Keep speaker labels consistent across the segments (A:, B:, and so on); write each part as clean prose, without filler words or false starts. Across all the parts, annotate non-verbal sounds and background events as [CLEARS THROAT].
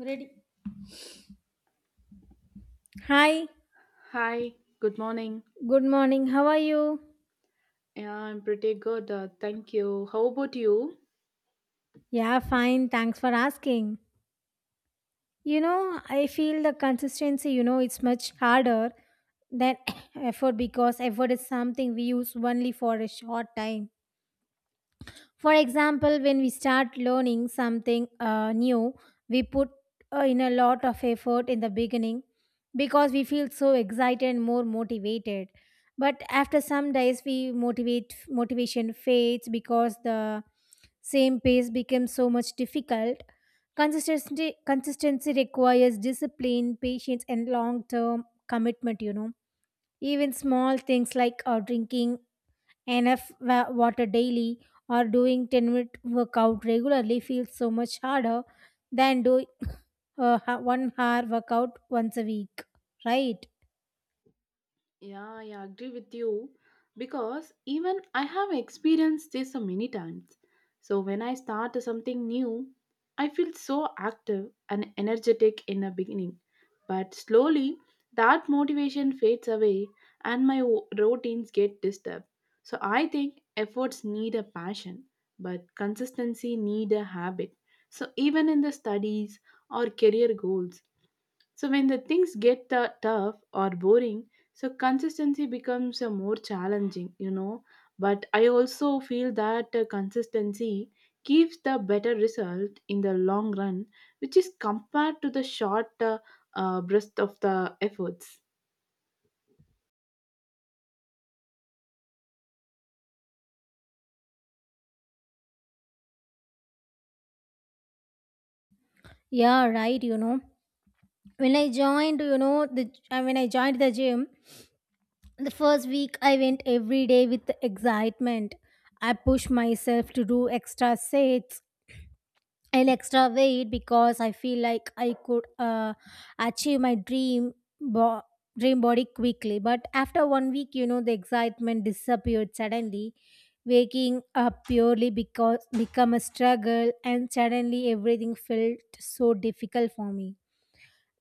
A: Ready? Hi,
B: Hi, good morning.
A: good morning. How are you?
B: Yeah, I'm pretty good. Thank you. How about you?
A: Yeah, fine. Thanks for asking. You know, I feel the consistency, it's much harder than [COUGHS] [CLEARS THROAT] effort because effort is something we use only for a short time. For example, when we start learning something new, we put in a lot of effort in the beginning because we feel so excited and more motivated. But after some days, we motivate motivation fades because the same pace becomes so much difficult. Consistency requires discipline, patience, and long term commitment. You know, even small things like drinking enough water daily or doing 10-minute workout regularly feels so much harder than doing [COUGHS] 1 hour workout once a week, right?
B: Yeah, yeah, I agree with you because even I have experienced this so many times. So when I start something new, I feel so active and energetic in the beginning, but slowly that motivation fades away and my routines get disturbed. So I think efforts need a passion, but consistency need a habit. So even in the studies or career goals, so when the things get tough or boring, so consistency becomes more challenging. But I also feel that consistency gives the better result in the long run, which is compared to the short burst of the efforts.
A: Yeah, right, you know, when I joined, you know the when I joined the gym, the first week I went every day with excitement. I pushed myself to do extra sets an extra weight because I feel like I could achieve my dream bo- dream body quickly. But after one week, you know, the excitement disappeared suddenly. Waking up purely because become a struggle, and suddenly everything felt so difficult for me.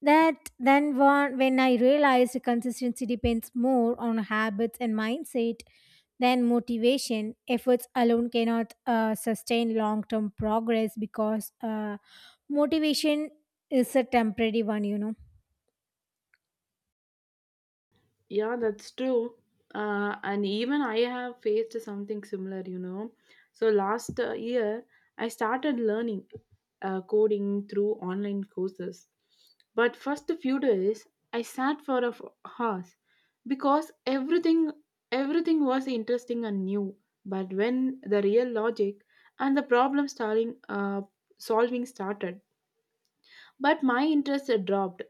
A: That then one when I realized consistency depends more on habits and mindset than motivation. Efforts alone cannot sustain long-term progress because motivation is a temporary one, you know.
B: Yeah, that's true. And even I have faced something similar. So last year, I started learning coding through online courses. But first few days, I sat for a hours because everything was interesting and new. But when the real logic and the problem solving started, but my interest had dropped.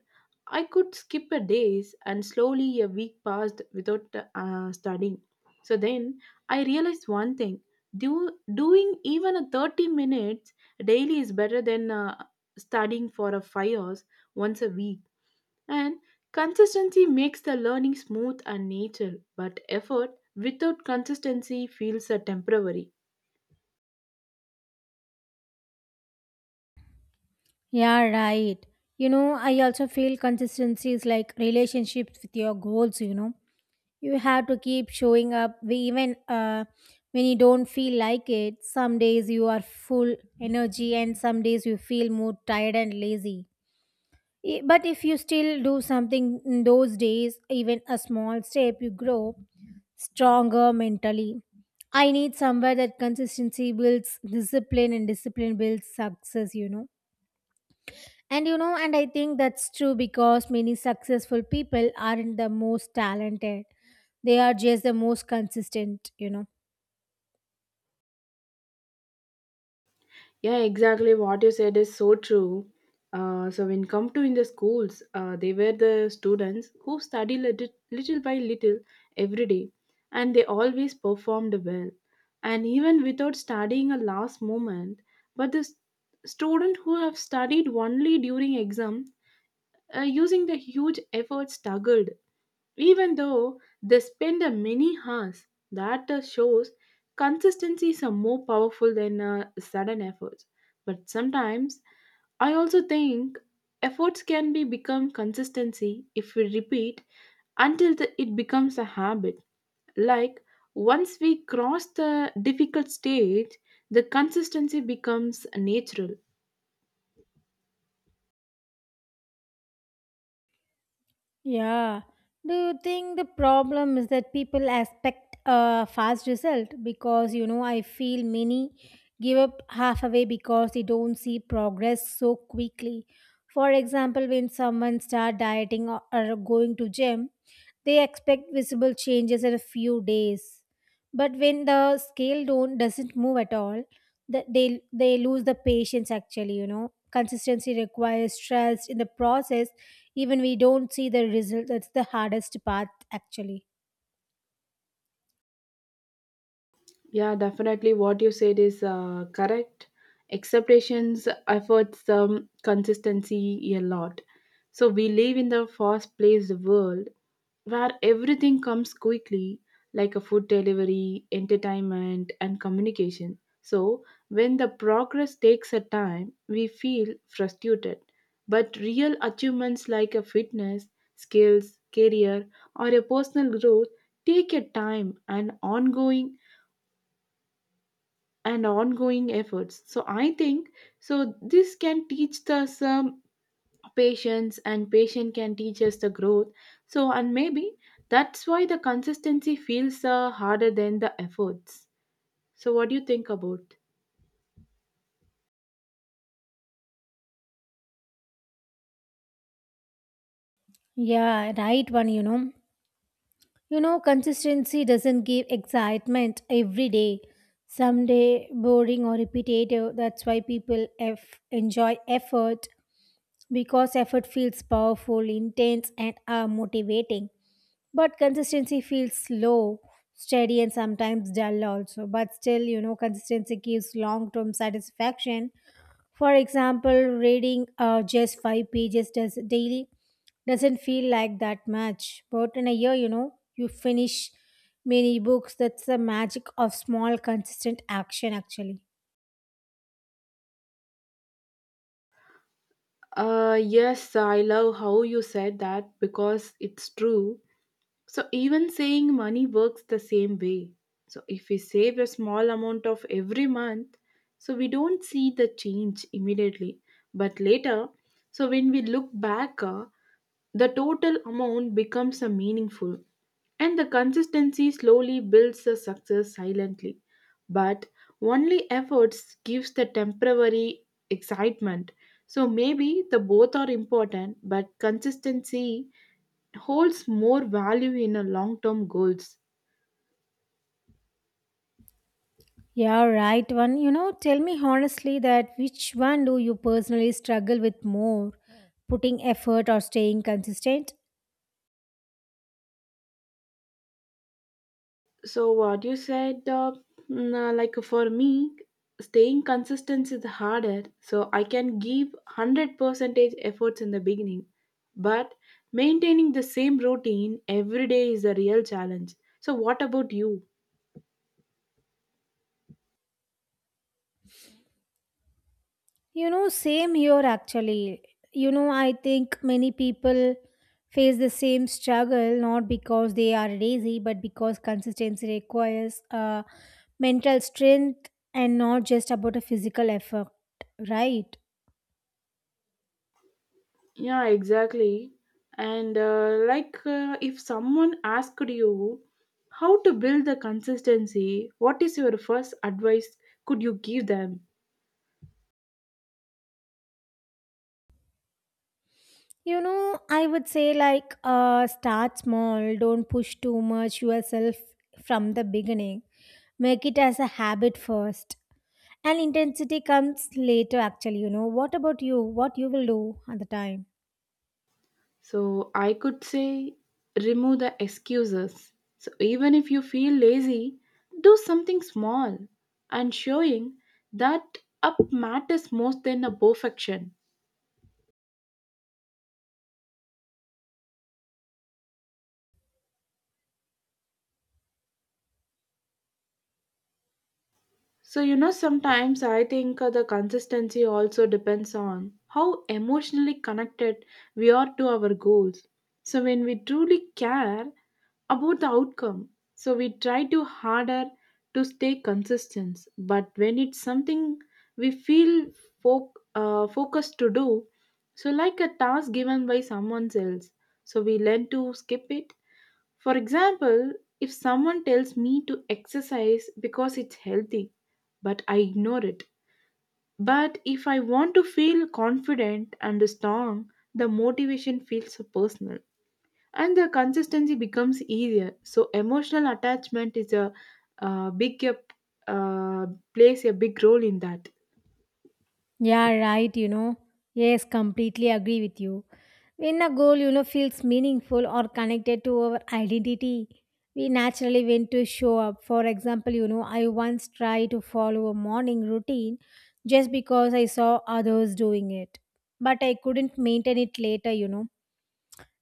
B: I could skip a days and slowly a week passed without studying. So then I realized one thing. Doing even a 30 minutes daily is better than studying for a 5 hours once a week. And consistency makes the learning smooth and natural, but effort without consistency feels temporary.
A: Yeah, right. You know, I also feel consistency is like relationships with your goals. You know, you have to keep showing up we even when you don't feel like it. Some days you are full energy and some days you feel more tired and lazy. But if you still do something in those days, even a small step, you grow stronger mentally. I need somewhere that consistency builds discipline and discipline builds success, you know. And you know, and I think that's true because many successful people aren't the most talented. They are just the most consistent, you know.
B: Yeah, exactly. What you said is so true. So when come to in the schools, they were the students who study little, little by little every day, and they always performed well. And even without studying a last moment, but the student who have studied only during exam, using the huge effort struggled even though they spend a many hours that shows consistency is more powerful than sudden efforts. But sometimes, I also think efforts can be become consistency if we repeat until the, it becomes a habit. Like once we cross the difficult stage, the consistency becomes natural.
A: Yeah. Do you think the problem is that people expect a fast result? Because, you know, I feel many give up half away because they don't see progress so quickly. For example, when someone start dieting or going to gym, they expect visible changes in a few days. But when the scale don't doesn't move at all, that they lose the patience, actually, you know, consistency requires trust in the process even we don't see the result. That's the hardest part, actually.
B: Yeah, definitely. What you said is correct. Expectations, efforts, consistency, a lot. So we live in the fast-paced world where everything comes quickly, like a food delivery, entertainment, and communication. So when the progress takes a time, we feel frustrated. But real achievements like a fitness, skills, career, or a personal growth take a time and ongoing efforts. So I think so this can teach us patience, and patient can teach us the growth. So and maybe that's why the consistency feels harder than the efforts. So what do you think about?
A: Yeah, right one, you know. You know, consistency doesn't give excitement every day, someday boring or repetitive. That's why people f enjoy effort because effort feels powerful, intense, and motivating. But consistency feels slow, steady, and sometimes dull also. But still, you know, consistency gives long term satisfaction. For example, reading just 5 pages does daily doesn't feel like that much. But in a year, you know, you finish many books. That's the magic of small, consistent action, actually.
B: Yes, I love how you said that because it's true. So even saying money works the same way. So if we save a small amount of every month, so we don't see the change immediately, but later, so when we look back, the total amount becomes a meaningful and the consistency slowly builds the success silently. But only efforts gives the temporary excitement. So maybe the both are important, but consistency holds more value in a long-term goals.
A: Yeah, right one. You know, tell me honestly that which one do you personally struggle with more, putting effort or staying consistent?
B: So what you said, like for me, staying consistent is harder. So I can give hundred percentage efforts in the beginning, but maintaining the same routine every day is a real challenge. So what about you?
A: You know, same here actually. You know, I think many people face the same struggle not because they are lazy but because consistency requires mental strength and not just about a physical effort, right?
B: Yeah, exactly. And like, if someone asked you how to build the consistency, what is your first advice could you give them?
A: You know, I would say like start small, don't push too much yourself from the beginning. Make it as a habit first. And intensity comes later, actually, you know. What about you? What you will do at the time?
B: So I could say remove the excuses. So even if you feel lazy, do something small and showing that up matters most than a perfection. So you know sometimes I think the consistency also depends on how emotionally connected we are to our goals. So when we truly care about the outcome. So we try to harder to stay consistent, but when it's something we feel focused to do, so like a task given by someone else, so we learn to skip it. For example, if someone tells me to exercise because it's healthy, but I ignore it. But if I want to feel confident and strong, the motivation feels personal and the consistency becomes easier. So emotional attachment is a big uh, plays a big role in that.
A: Yeah, right, you know. Yes, completely agree with you. When a goal, you know, feels meaningful or connected to our identity, we naturally want to show up. For example, you know, I once tried to follow a morning routine just because I saw others doing it. But I couldn't maintain it later, you know.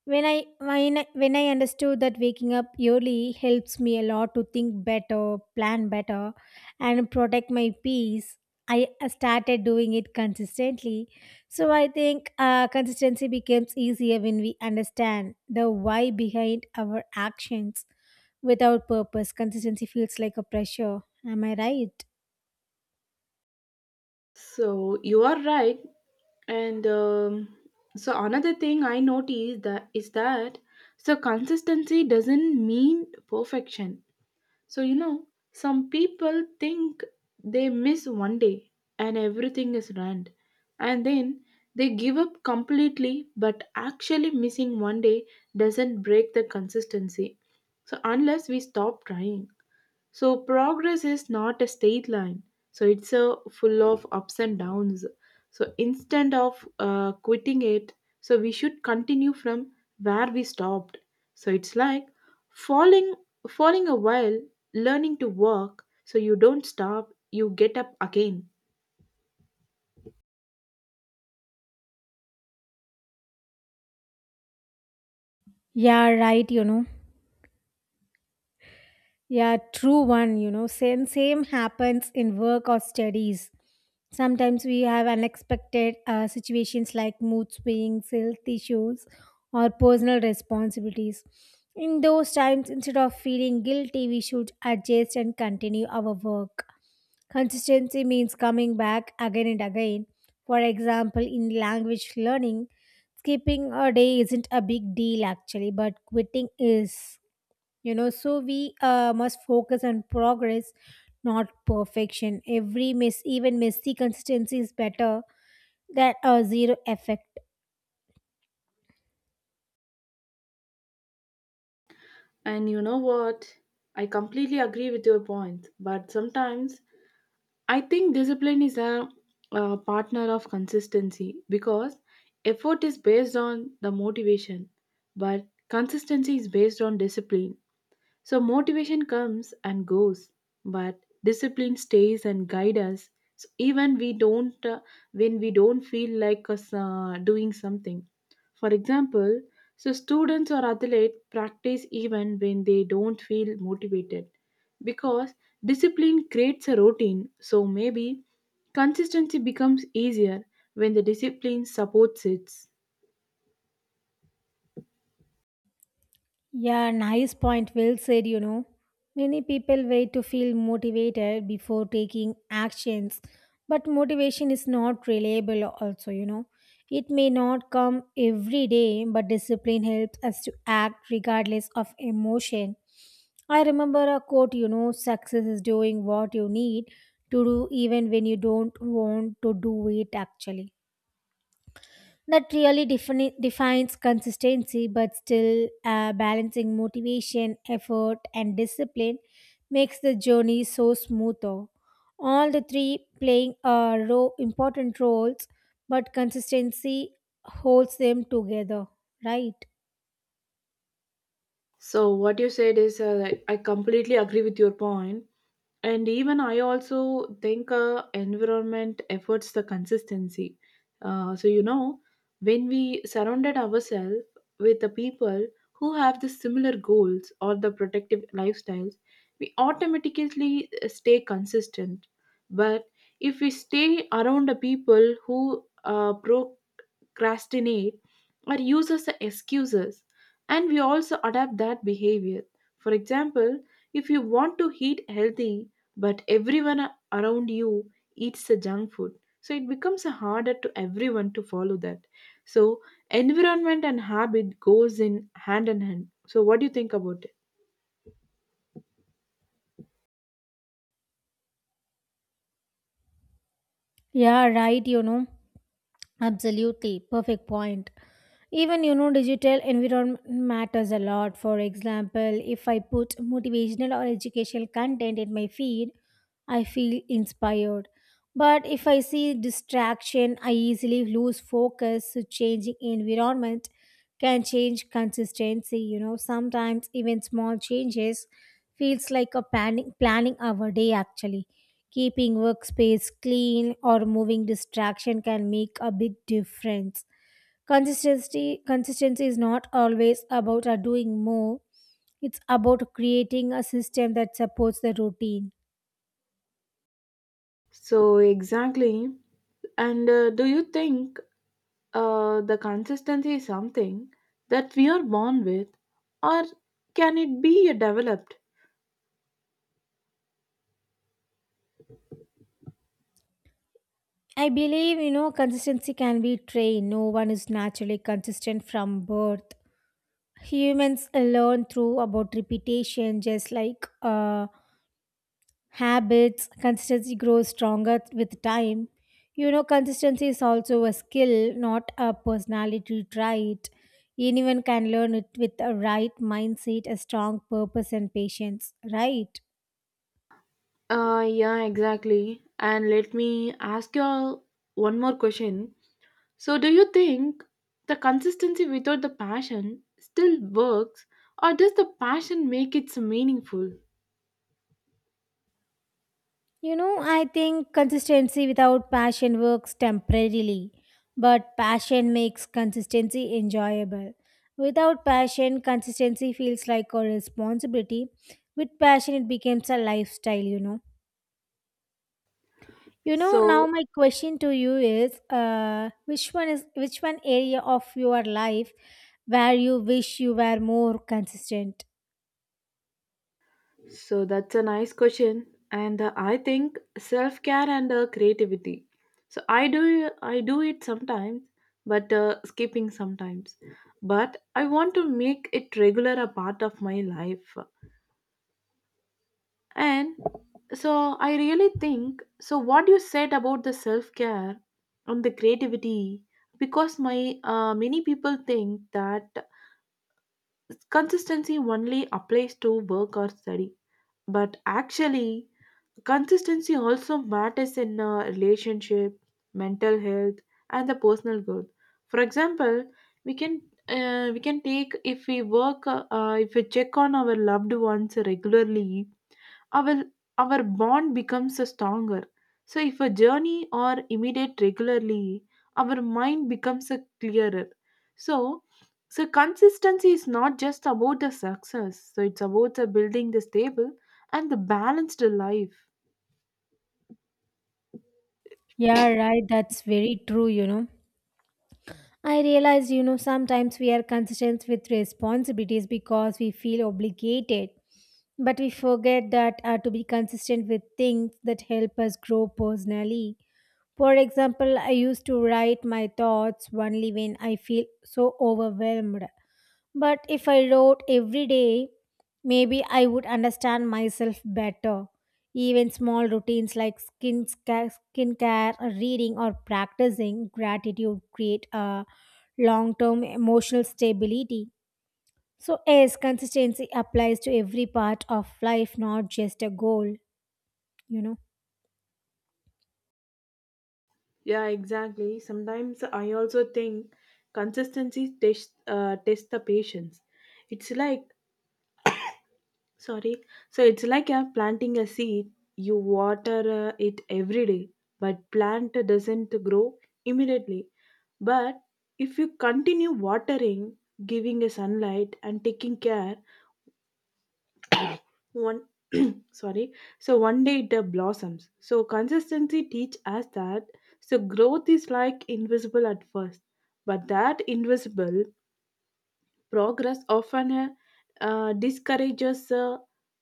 A: When I understood that waking up early helps me a lot to think better, plan better, and protect my peace, I started doing it consistently. So I think consistency becomes easier when we understand the why behind our actions. Without purpose, consistency feels like a pressure. Am I right?
B: So you are right. And so another thing I noticed that is that so consistency doesn't mean perfection. So, you know, some people think they miss one day and everything is ruined, and then they give up completely, but actually, missing one day doesn't break the consistency. So, unless we stop trying. So progress is not a straight line. So it's a full of ups and downs. So instead of quitting it, so we should continue from where we stopped. So it's like falling, falling a while, learning to walk. So you don't stop, you get up again.
A: Yeah, right, you know. Yeah, true one, you know, same happens in work or studies. Sometimes we have unexpected situations like mood swings, health issues, or personal responsibilities. In those times, instead of feeling guilty, we should adjust and continue our work. Consistency means coming back again and again. For example, in language learning, skipping a day isn't a big deal, actually, but quitting is, you know, so we must focus on progress not perfection. Every miss, even messy consistency is better than a zero effect.
B: And you know what? I completely agree with your point, but sometimes I think discipline is a partner of consistency because effort is based on the motivation, but consistency is based on discipline. So motivation comes and goes, but discipline stays and guides us. So even we don't when we don't feel like us doing something. For example, so students or athletes practice even when they don't feel motivated because discipline creates a routine. So maybe consistency becomes easier when the discipline supports it.
A: Yeah, nice point. Well said, you know. Many people wait to feel motivated before taking actions, but motivation is not reliable, also, you know. It may not come every day, but discipline helps us to act regardless of emotion. I remember a quote, you know, success is doing what you need to do even when you don't want to do it, actually. That really defines consistency, but still balancing motivation, effort, and discipline makes the journey so smooth. All the three playing important roles, but consistency holds them together, right?
B: So what you said is, like, I completely agree with your point, and even I also think environment efforts the consistency. So you know, when we surrounded ourselves with the people who have the similar goals or the protective lifestyles, we automatically stay consistent. But if we stay around the people who procrastinate or use as the excuses and we also adapt that behavior. For example, if you want to eat healthy but everyone around you eats the junk food, so it becomes a harder to everyone to follow that. So environment and habit goes in hand in hand. So what do you think about it?
A: Yeah, right, you know. Absolutely, perfect point. Even, you know, digital environment matters a lot. For example, if I put motivational or educational content in my feed, I feel inspired. But if I see distraction, I easily lose focus. So changing environment can change consistency. You know, sometimes even small changes feels like a planning our day, actually. Keeping workspace clean or moving distraction can make a big difference. Consistency is not always about doing more. It's about creating a system that supports the routine.
B: So exactly, and do you think the consistency is something that we are born with, or can it be developed?
A: I believe, you know, consistency can be trained. No one is naturally consistent from birth. Humans learn through about repetition, just like habits. Consistency grows stronger with time, you know. Consistency is also a skill, not a personality trait. Anyone can learn it with a right mindset, a strong purpose and patience, right?
B: Yeah, exactly. And let me ask you all one more question. So, do you think the consistency without the passion still works, or does the passion make it so meaningful?
A: You know, I think consistency without passion works temporarily, but passion makes consistency enjoyable. Without passion, consistency feels like a responsibility. With passion, it becomes a lifestyle, you know. You know, now
B: So,
A: my question to you is, which one is which one area of your life where you wish you were more consistent?
B: so, that's a nice question, and I think self care and creativity. So I do it sometimes, but skipping sometimes. But I want to make it regular a part of my life. And so I really think so what you said about the self-care and the creativity. Because my many people think that consistency only applies to work or study, but actually consistency also matters in a relationship, mental health, and the personal growth. For example, we can we can take if we work if we check on our loved ones regularly, our our bond becomes a stronger. So if a journey or imitate regularly, our mind becomes a clearer. So so consistency is not just about the success, so it's about the building the stable and the balanced life.
A: Yeah, right. That's very true, you know. I realize, you know, sometimes we are consistent with responsibilities because we feel obligated, but we forget that to be consistent with things that help us grow personally. For example, I used to write my thoughts only when I feel so overwhelmed. But if I wrote every day, maybe I would understand myself better. Even small routines like skincare, or reading, or practicing gratitude create a long term emotional stability. So, yes, consistency applies to every part of life, not just a goal, you know.
B: Yeah, exactly. Sometimes I also think consistency test the patience. It's like. Sorry. So it's like planting a seed. You water it every day, but plant doesn't grow immediately. But if you continue watering, giving a sunlight and taking care, one sorry, so one day it blossoms. So consistency teach us that so growth is like invisible at first, but that invisible progress often discourages uh,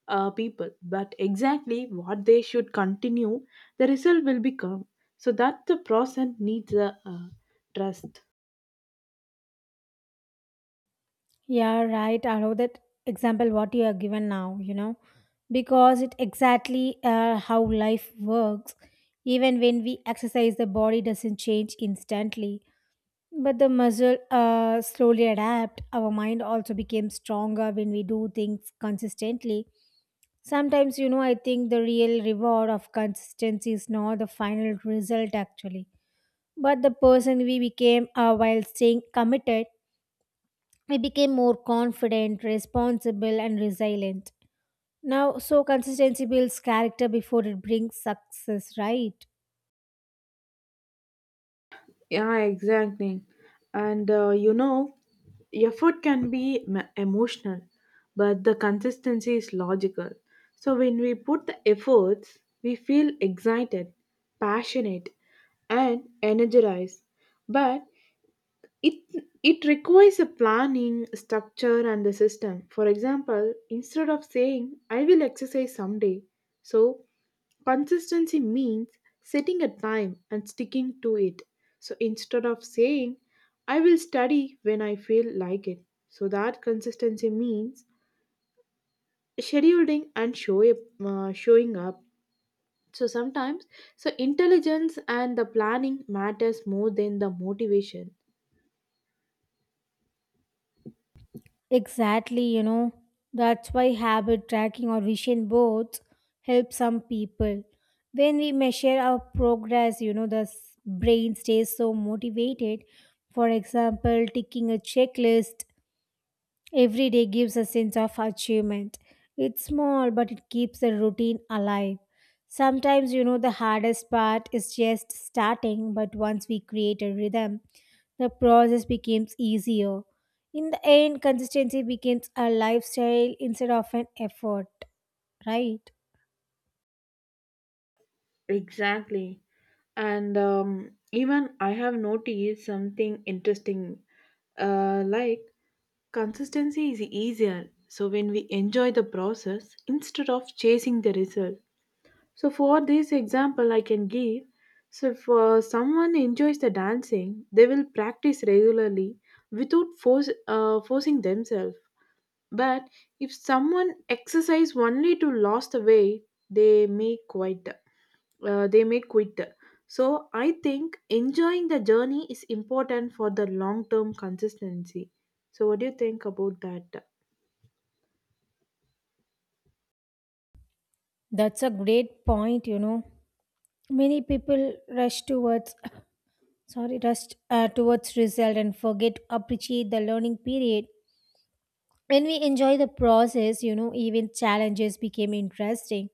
B: uh, people, but exactly what they should continue the result will become. So that the process needs trust.
A: Yeah, right. I love that example what you are given now, you know, because it exactly how life works. Even when we exercise, the body doesn't change instantly, but the muscle slowly adapt. Our mind also became stronger when we do things consistently. Sometimes, you know, I think the real reward of consistency is not the final result, actually, but the person we became while staying committed. I became more confident, responsible, and resilient. Now, so consistency builds character before it brings success, right?
B: Yeah, exactly. And you know effort can be emotional, but the consistency is logical. So when we put the efforts we feel excited, passionate, and energized, but it requires a planning, structure, and a system. For example, instead of saying I will exercise someday, so consistency means setting a time and sticking to it. So instead of saying I will study when I feel like it, so that consistency means scheduling and showing up. So sometimes, so intelligence and the planning matters more than the motivation.
A: Exactly, you know. That's why habit tracking or vision boards help some people. When we measure our progress, you know, brain stays so motivated. For example, ticking a checklist every day gives a sense of achievement. It's small, but it keeps the routine alive. Sometimes, you know, the hardest part is just starting, but once we create a rhythm, the process becomes easier. In the end, consistency becomes a lifestyle instead of an effort, right?
B: Exactly. And even I have noticed something interesting. Like consistency is easier. So when we enjoy the process instead of chasing the result. So for this example, I can give. So if someone enjoys the dancing, they will practice regularly without forcing themselves. But if someone exercise only to lose the weight, they may quit. So I think enjoying the journey is important for the long term consistency. So what do you think about that?
A: That's a great point, you know. Many people rush towards, sorry, rush towards result and forget to appreciate the learning period. When we enjoy the process, you know, even challenges became interesting.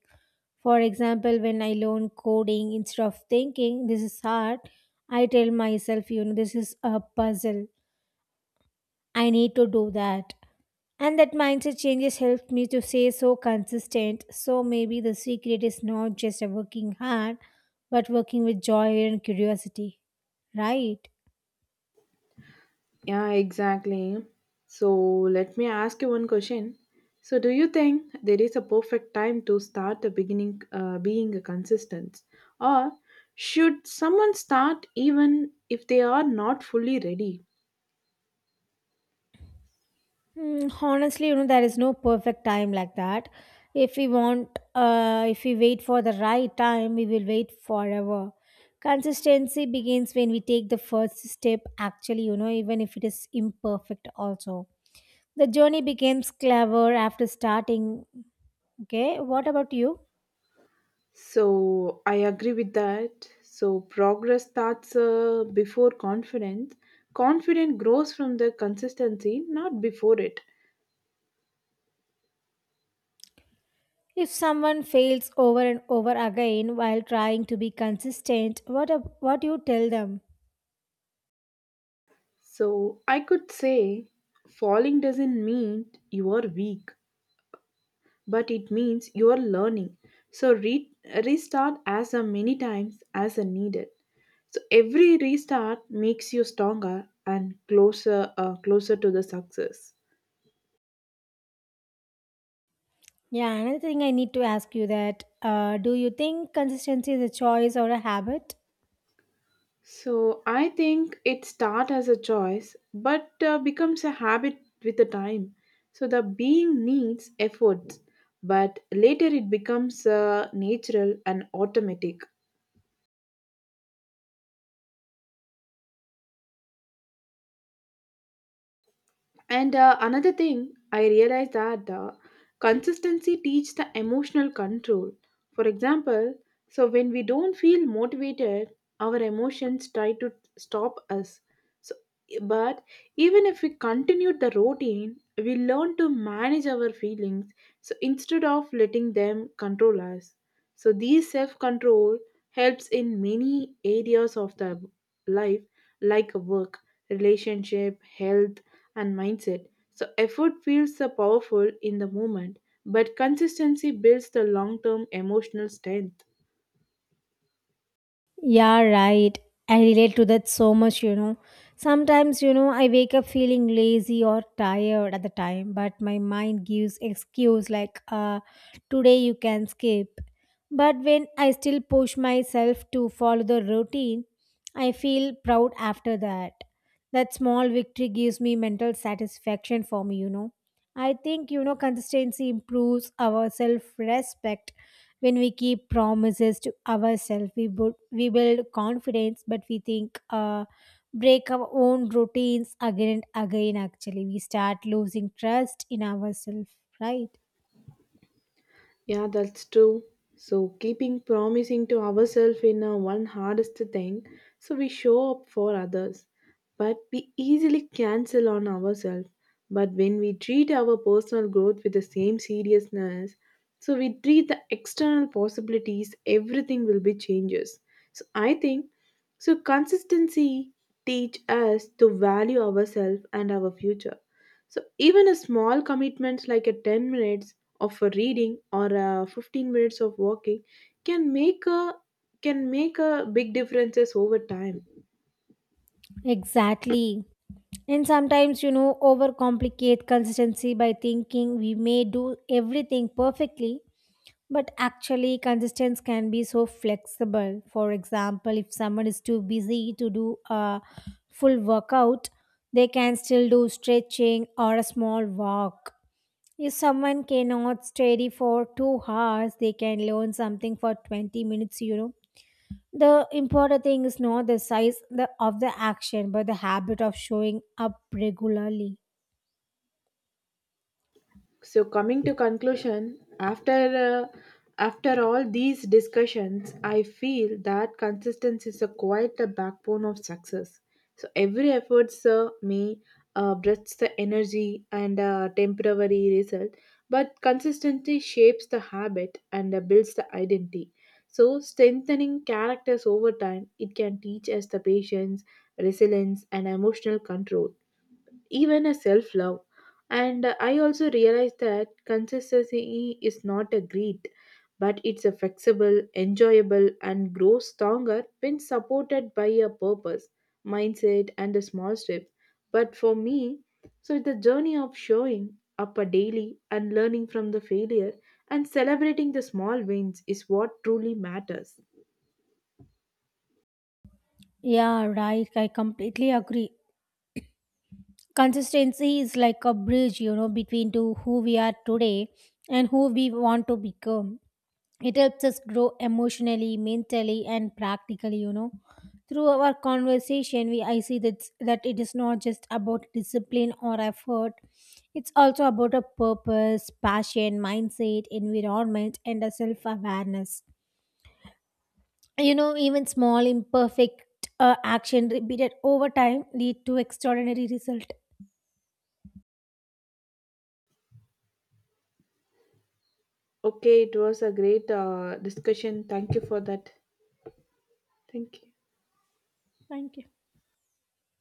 A: For example, when I learn coding, instead of thinking this is hard, I tell myself, you know, this is a puzzle. I need to do that. And that mindset changes helped me to stay so consistent. So maybe the secret is not just a working hard, but working with joy and curiosity, right?
B: Yeah, exactly. So let me ask you one question. So do you think there is a perfect time to start the beginning being a consistent, or should someone start even if they are not fully ready?
A: Honestly, you know, there is no perfect time like that. If we wait for the right time, we will wait forever. Consistency begins when we take the first step, actually, you know, even if it is imperfect, also. The journey becomes clever after starting. Okay, what about you?
B: So I agree with that. So progress starts before confidence. Confidence grows from the consistency, not before it.
A: If someone fails over and over again while trying to be consistent, what do you tell them?
B: So I could say falling doesn't mean you are weak, but it means you are learning. So restart as a many times as a needed. So every restart makes you stronger and closer to the success.
A: Yeah, another thing I need to ask you that do you think consistency is a choice or a habit?
B: So I think it starts as a choice but becomes a habit with the time. So the being needs efforts, but later it becomes natural and automatic. And another thing I realized that consistency teaches the emotional control. For example, so when we don't feel motivated, our emotions try to stop us. So, but even if we continued the routine, we learn to manage our feelings. So instead of letting them control us, so this self-control helps in many areas of the life, like work, relationship, health, and mindset. So effort feels so powerful in the moment, but consistency builds the long-term emotional strength.
A: Yeah, right. I relate to that so much, you know. Sometimes, you know, I wake up feeling lazy or tired at the time, but my mind gives excuse like today you can skip. But when I still push myself to follow the routine, I feel proud after that. That small victory gives me mental satisfaction for me, you know. I think, you know, consistency improves our self respect. When we keep promises to ourselves, we build confidence, but we think, break our own routines again and again. Actually, we start losing trust in ourselves, right?
B: Yeah, that's true. So, keeping promising to ourselves in our one hardest thing, so we show up for others. But we easily cancel on ourselves. But when we treat our personal growth with the same seriousness, so we treat the external possibilities, everything will be changes. So, I think so. Consistency teach us to value ourselves and our future. So even a small commitment like a 10 minutes of a reading or a 15 minutes of walking can make a can make a big differences over time.
A: Exactly. And sometimes, you know, overcomplicate consistency by thinking we may do everything perfectly. But actually, consistency can be so flexible. For example, if someone is too busy to do a full workout, they can still do stretching or a small walk. If someone cannot study for 2 hours, they can learn something for 20 minutes, you know. The important thing is not the size of the action, but the habit of showing up regularly.
B: So coming to conclusion after all these discussions I feel that consistency is a quite the backbone of success. So every effort sir may breathes the energy and temporary result, but consistency shapes the habit and builds the identity, so strengthening characters over time. It can teach us the patience, resilience, and emotional control, even a self love. And I also realized that consistency is not a greed, but it's a flexible, enjoyable, and grows stronger when supported by a purpose, mindset, and a small step. But for me, so it's the journey of showing up a daily and learning from the failure and celebrating the small wins is what truly matters.
A: Yeah, right. I completely agree. Consistency is like a bridge, you know, between to who we are today and who we want to become. It helps us grow emotionally, mentally, and practically, you know. Through our conversation, we I see that it is not just about discipline or effort. It's also about a purpose, passion, mindset, environment, and a self-awareness. You know, even small imperfect action repeated over time lead to extraordinary result.
B: Okay, it was a great discussion. Thank you for that. Thank you.
A: Thank you.